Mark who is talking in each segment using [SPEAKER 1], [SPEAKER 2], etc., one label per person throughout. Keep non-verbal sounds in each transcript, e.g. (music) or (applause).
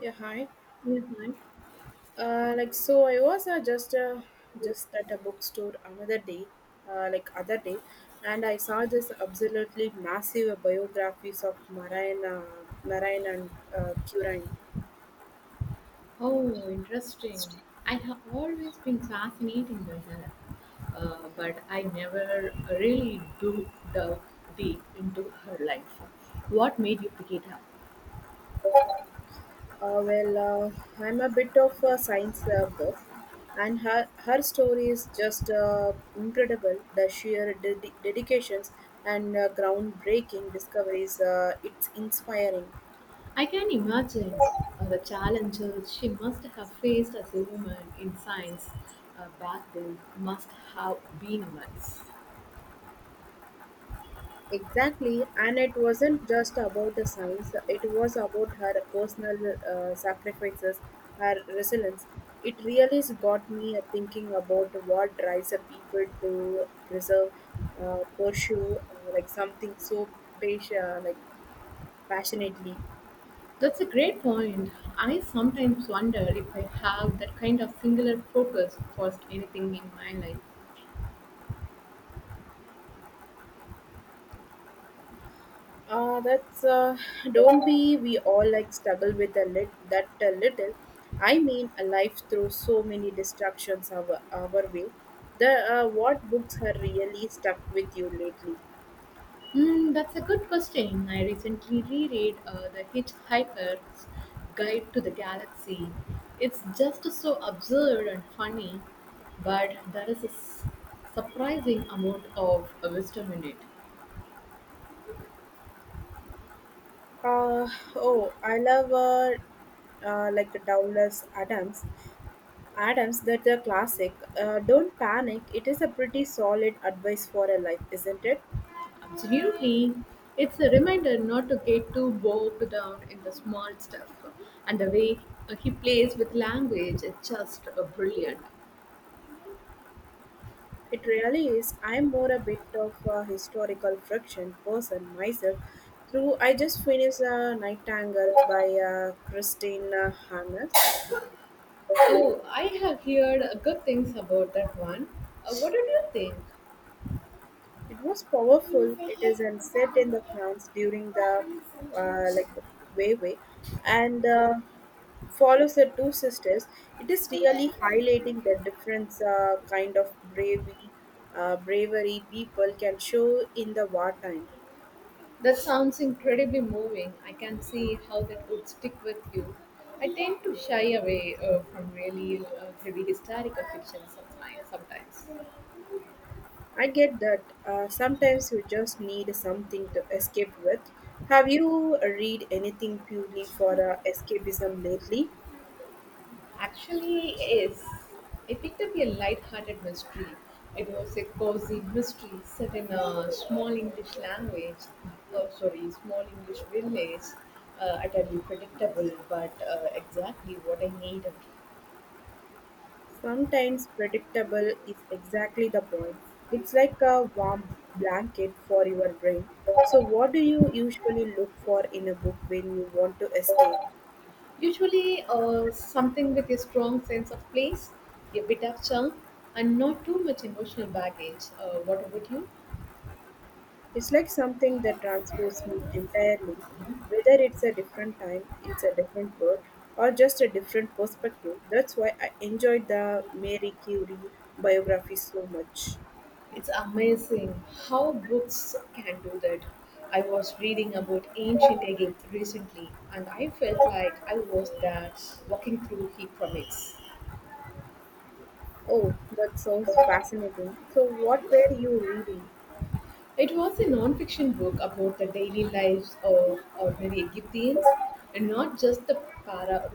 [SPEAKER 1] Yeah, hi.
[SPEAKER 2] Yeah, right.
[SPEAKER 1] So I was just at a bookstore another day, other day, and I saw this absolutely massive biographies of Marine, Marine and Curine.
[SPEAKER 2] Oh, interesting. I have always been fascinated by her, but I never really do dug deep into her life. What made you pick it up?
[SPEAKER 1] Well, I'm a bit of a science buff, and her story is just incredible. The sheer dedications and groundbreaking discoveries. It's inspiring.
[SPEAKER 2] I can imagine the challenges she must have faced as a woman in science back then must have been immense.
[SPEAKER 1] Exactly, and it wasn't just about the science, it was about her personal sacrifices, her resilience. It really has got me thinking about what drives a people to preserve, pursue something so patient, like passionately.
[SPEAKER 2] That's a great point. I sometimes wonder if I have that kind of singular focus for anything in my life.
[SPEAKER 1] That's don't be we all like struggle with a lit that a little. I mean, a life through so many distractions our way. The What books have really stuck with you lately?
[SPEAKER 2] Mm, that's a good question. I recently reread The Hitchhiker's Guide to the Galaxy. It's just so absurd and funny, but there is a surprising amount of wisdom in it.
[SPEAKER 1] Uh, oh, I love Douglas Adams. Adams, that's a classic. Don't panic. It is a pretty solid advice for a life, isn't it?
[SPEAKER 2] Absolutely. It's a reminder not to get too bogged down in the small stuff. And the way he plays with language is just brilliant.
[SPEAKER 1] It really is. I'm more a bit of a historical friction person myself. Through, I just finished a Nightingale by Christina Hannes.
[SPEAKER 2] Oh, I have heard good things about that one. What did you think?
[SPEAKER 1] It was powerful. It is and set in the France during the uh, like way, and follows the two sisters. It is really highlighting the different kind of bravery, bravery people can show in the wartime.
[SPEAKER 2] That sounds incredibly moving. I can see how that would stick with you. I tend to shy away from really heavy historical fiction sometimes.
[SPEAKER 1] I get that, sometimes you just need something to escape with. Have you read anything purely for escapism lately?
[SPEAKER 2] Actually, yes. I picked up a light-hearted mystery. It was a cozy mystery set in a small English language, oh, sorry, small English village, utterly predictable, but exactly what I needed.
[SPEAKER 1] Sometimes predictable is exactly the point. It's like a warm blanket for your brain. So, what do you usually look for in a book when you want to escape?
[SPEAKER 2] Usually, something with a strong sense of place, a bit of charm, and not too much emotional baggage. What about you?
[SPEAKER 1] It's like something that transports me entirely, whether it's a different time, it's a different world, or just a different perspective. That's why I enjoyed the Mary Curie biography so much.
[SPEAKER 2] It's amazing how books can do that. I was reading about ancient Egypt recently, and I felt like I was there walking through Hieroglyphics.
[SPEAKER 1] Oh, that sounds fascinating. So, what were you reading?
[SPEAKER 2] It was a non-fiction book about the daily lives of ordinary Egyptians, and not just the para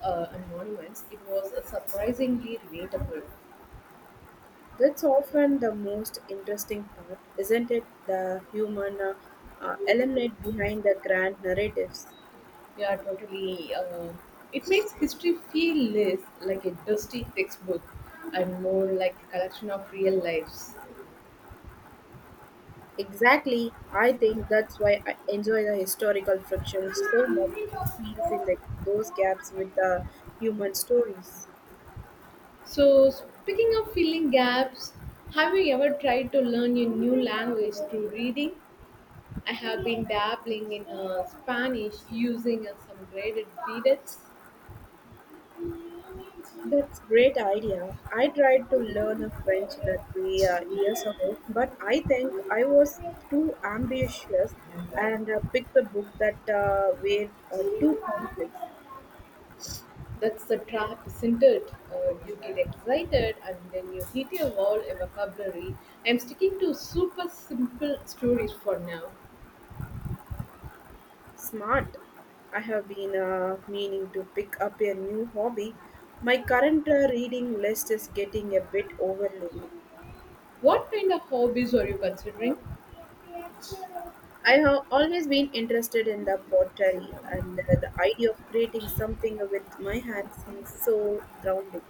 [SPEAKER 2] and monuments. It was surprisingly relatable.
[SPEAKER 1] That's often the most interesting part, isn't it? The human element behind the grand narratives.
[SPEAKER 2] Yeah, totally. It makes history feel less like a dusty textbook and more like a collection of real lives.
[SPEAKER 1] Exactly. I think that's why I enjoy the historical friction so much. It fills in those gaps with the human stories.
[SPEAKER 2] So, speaking of filling gaps, have you ever tried to learn a new language through reading? I have been dabbling in Spanish using some graded readers.
[SPEAKER 1] That's great idea. I tried to learn a French that way years ago, but I think I was too ambitious and picked a book that were too complex.
[SPEAKER 2] That's the trap, isn't it? You get excited and then you hit a wall in vocabulary. I'm sticking to super simple stories for now.
[SPEAKER 1] Smart. I have been meaning to pick up a new hobby. My current reading list is getting a bit overwhelming.
[SPEAKER 2] What kind of hobbies are you considering?
[SPEAKER 1] I have always been interested in the pottery, and the idea of creating something with my hands seems so grounding.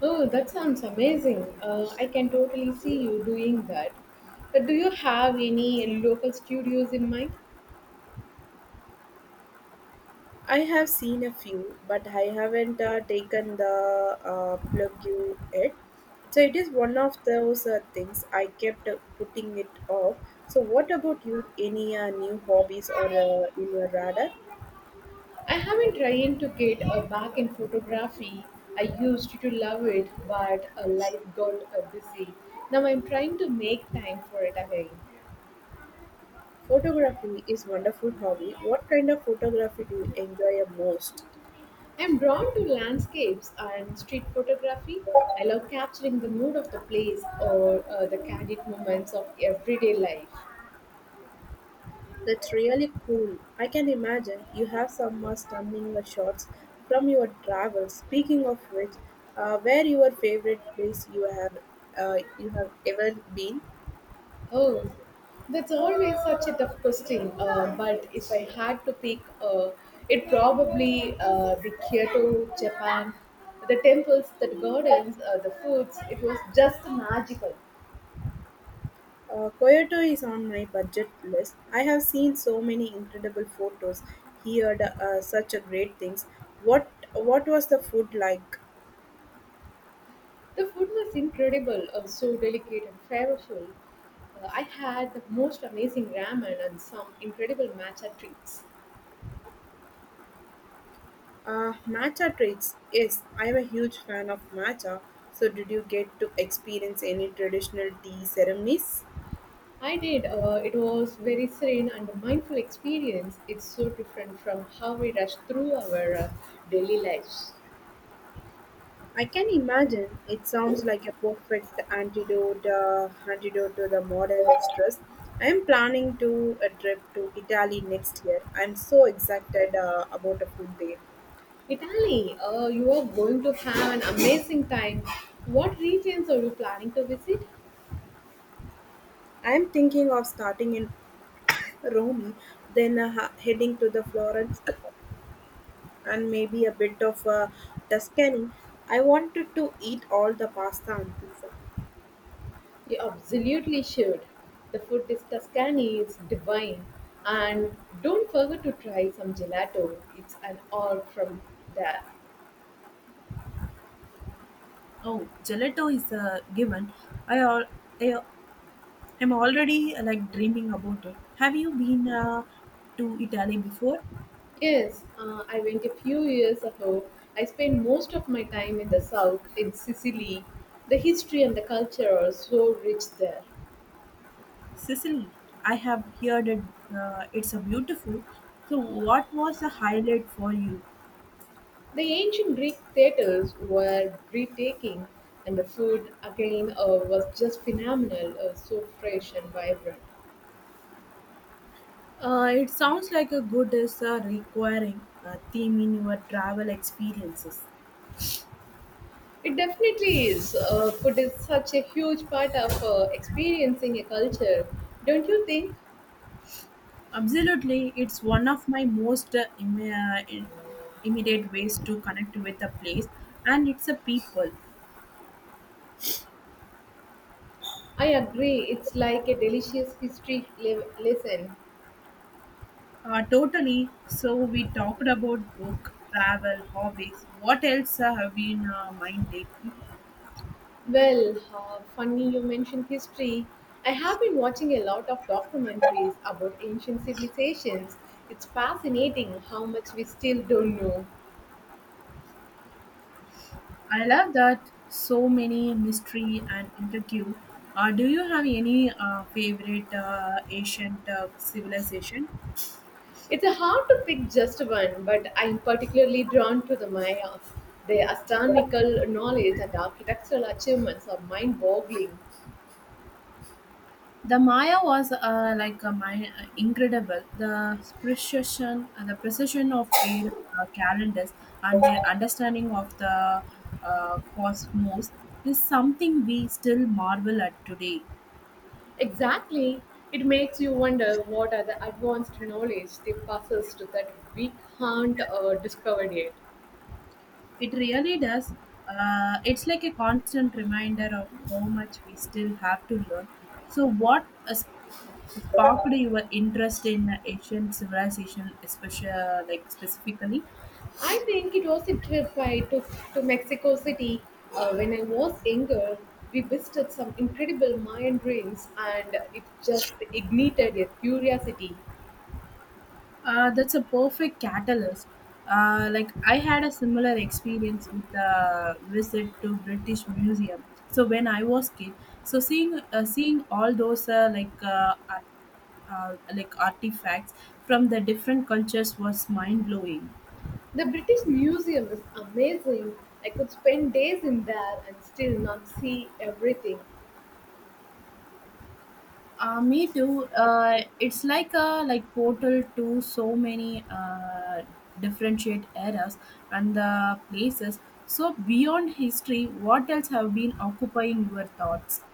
[SPEAKER 2] Oh, that sounds amazing. I can totally see you doing that. But do you have any local studios in mind?
[SPEAKER 1] I have seen a few, but I haven't taken the plug you yet. So it is one of those things I kept putting it off. So what about you? Any new hobbies or in your radar?
[SPEAKER 2] I have been trying to get back in photography. I used to love it, but life got busy. Now I'm trying to make time for it again.
[SPEAKER 1] Photography is wonderful hobby. What kind of photography do you enjoy most?
[SPEAKER 2] I'm drawn to landscapes and street photography. I love capturing the mood of the place or the candid moments of everyday life.
[SPEAKER 1] That's really cool. I can imagine you have some stunning shots from your travels. Speaking of which, where your favorite place you have ever been?
[SPEAKER 2] Oh, that's always such a tough question. But if I had to pick, it probably the Kyoto, Japan, the temples, the gardens, the foods. It was just magical.
[SPEAKER 1] Kyoto is on my budget list. I have seen so many incredible photos, heard such a great things. What was the food like?
[SPEAKER 2] The food was incredible, so delicate and flavorful. I had the most amazing ramen and some incredible matcha treats.
[SPEAKER 1] Matcha treats. Yes, I am a huge fan of matcha. So, did you get to experience any traditional tea ceremonies?
[SPEAKER 2] I did. It was very serene and a mindful experience. It's so different from how we rush through our daily lives.
[SPEAKER 1] I can imagine. It sounds like a perfect antidote, antidote to the modern stress. I am planning to a trip to Italy next year. I am so excited about the food there.
[SPEAKER 2] Italy, you are going to have an amazing time. What regions are you planning to visit?
[SPEAKER 1] I am thinking of starting in (coughs) Rome, then heading to the Florence, and maybe a bit of Tuscany. I wanted to eat all the pasta and pizza.
[SPEAKER 2] You absolutely should. The food in Tuscany is divine. And don't forget to try some gelato. It's an all from there.
[SPEAKER 1] Oh, gelato is a given. I, al- I I'm already dreaming about it. Have you been to Italy before?
[SPEAKER 2] Yes, I went a few years ago. I spent most of my time in the south, in Sicily. The history and the culture are so rich there.
[SPEAKER 1] Sicily. I have heard it. It's a beautiful. So, what was the highlight for you?
[SPEAKER 2] The ancient Greek theatres were breathtaking, and the food, again, was just phenomenal, so fresh and vibrant.
[SPEAKER 1] It sounds like a good is a requiring theme in your travel experiences.
[SPEAKER 2] It definitely is. Food is such a huge part of experiencing a culture, don't you think?
[SPEAKER 1] Absolutely, it's one of my most immediate ways to connect with a place, and it's a people.
[SPEAKER 2] I agree. It's like a delicious history lesson.
[SPEAKER 1] Totally. So we talked about book, travel, hobbies. What else have you in mind lately?
[SPEAKER 2] Well, funny you mentioned history. I have been watching a lot of documentaries about ancient civilizations. It's fascinating how much we still don't know.
[SPEAKER 1] I love that. So many mystery and interview. Do you have any favorite ancient civilization?
[SPEAKER 2] It's a hard to pick just one, but I'm particularly drawn to the Mayas. Their astronomical knowledge and architectural achievements are mind boggling.
[SPEAKER 1] The Maya was incredible. The precision, the precision of their calendars and their understanding of the cosmos is something we still marvel at today.
[SPEAKER 2] Exactly. It makes you wonder what are the advanced knowledge they possessed that we can't discover yet.
[SPEAKER 1] It really does. It's like a constant reminder of how much we still have to learn. So, what sparked your interest in Asian civilization, especially like specifically?
[SPEAKER 2] I think it was a trip I took to Mexico City when I was younger. We visited some incredible Mayan ruins and it just ignited a curiosity.
[SPEAKER 1] That's a perfect catalyst. I had a similar experience with a visit to British Museum. So when I was kid, so seeing all those artifacts from the different cultures was mind blowing.
[SPEAKER 2] The British Museum is amazing. I could spend days in there and still not see everything.
[SPEAKER 1] Me too. It's like a like portal to so many differentiate eras and the places. So beyond history, what else have been occupying your thoughts?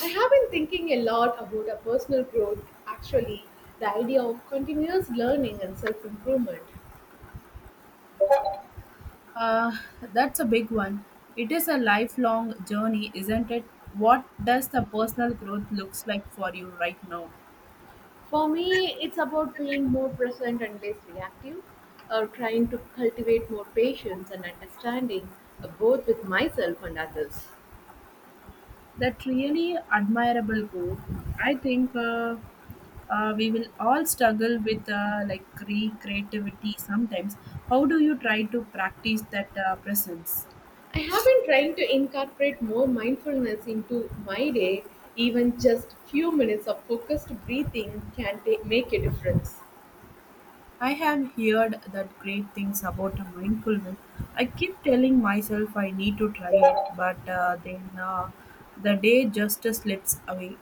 [SPEAKER 2] I have been thinking a lot about a personal growth, actually, the idea of continuous learning and self improvement.
[SPEAKER 1] Uh, that's a big one. It is a lifelong journey, isn't it? What does the personal growth looks like for you right now?
[SPEAKER 2] For me, it's about being more present and less reactive, or trying to cultivate more patience and understanding, both with myself and others.
[SPEAKER 1] That really admirable goal. I think we will all struggle with creativity sometimes. How do you try to practice that presence?
[SPEAKER 2] I have been trying to incorporate more mindfulness into my day. Even just few minutes of focused breathing can make a difference.
[SPEAKER 1] I have heard that great things about mindfulness. I keep telling myself I need to try it, but the day just slips away.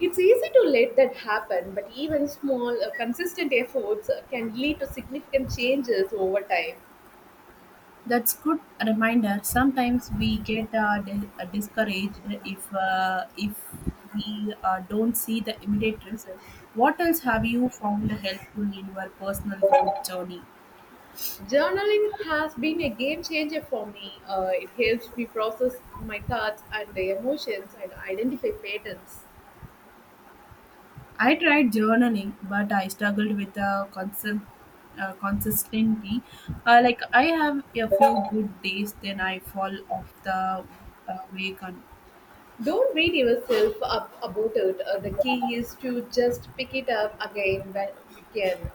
[SPEAKER 2] It's easy to let that happen, but even small, consistent efforts can lead to significant changes over time.
[SPEAKER 1] That's good reminder. Sometimes we get discouraged if we don't see the immediate result. What else have you found helpful in your personal growth journey?
[SPEAKER 2] Journaling has been a game changer for me. It helps me process my thoughts and emotions and identify patterns.
[SPEAKER 1] I tried journaling, but I struggled with consistency. I have a few good days, then I fall off the wagon.
[SPEAKER 2] Don't beat yourself up about it. The key is to just pick it up again when you can.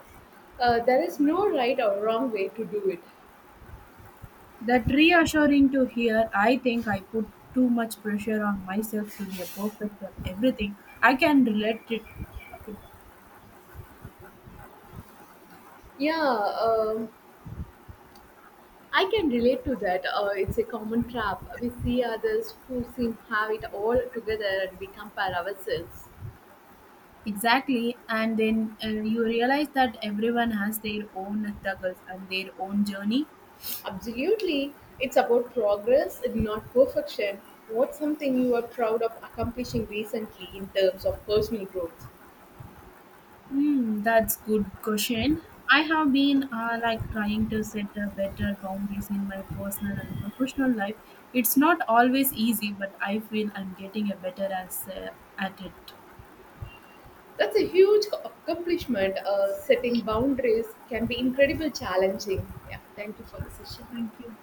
[SPEAKER 2] There is no right or wrong way to do it.
[SPEAKER 1] That reassuring to hear. I think I put too much pressure on myself to be a perfect at everything. I can relate it
[SPEAKER 2] Yeah, I can relate to that. It's a common trap. We see others who seem have it all together and we compare ourselves.
[SPEAKER 1] exactly, and then you realize that everyone has their own struggles and their own journey.
[SPEAKER 2] Absolutely. It's about progress, not perfection. What's something you are proud of accomplishing recently in terms of personal growth?
[SPEAKER 1] Hmm, that's good question. I have been trying to set a better boundaries in my personal and professional life. It's not always easy, but I feel I'm getting a better as at it.
[SPEAKER 2] That's a huge accomplishment. Setting boundaries can be incredibly challenging. Yeah, thank you for the session.
[SPEAKER 1] Thank you.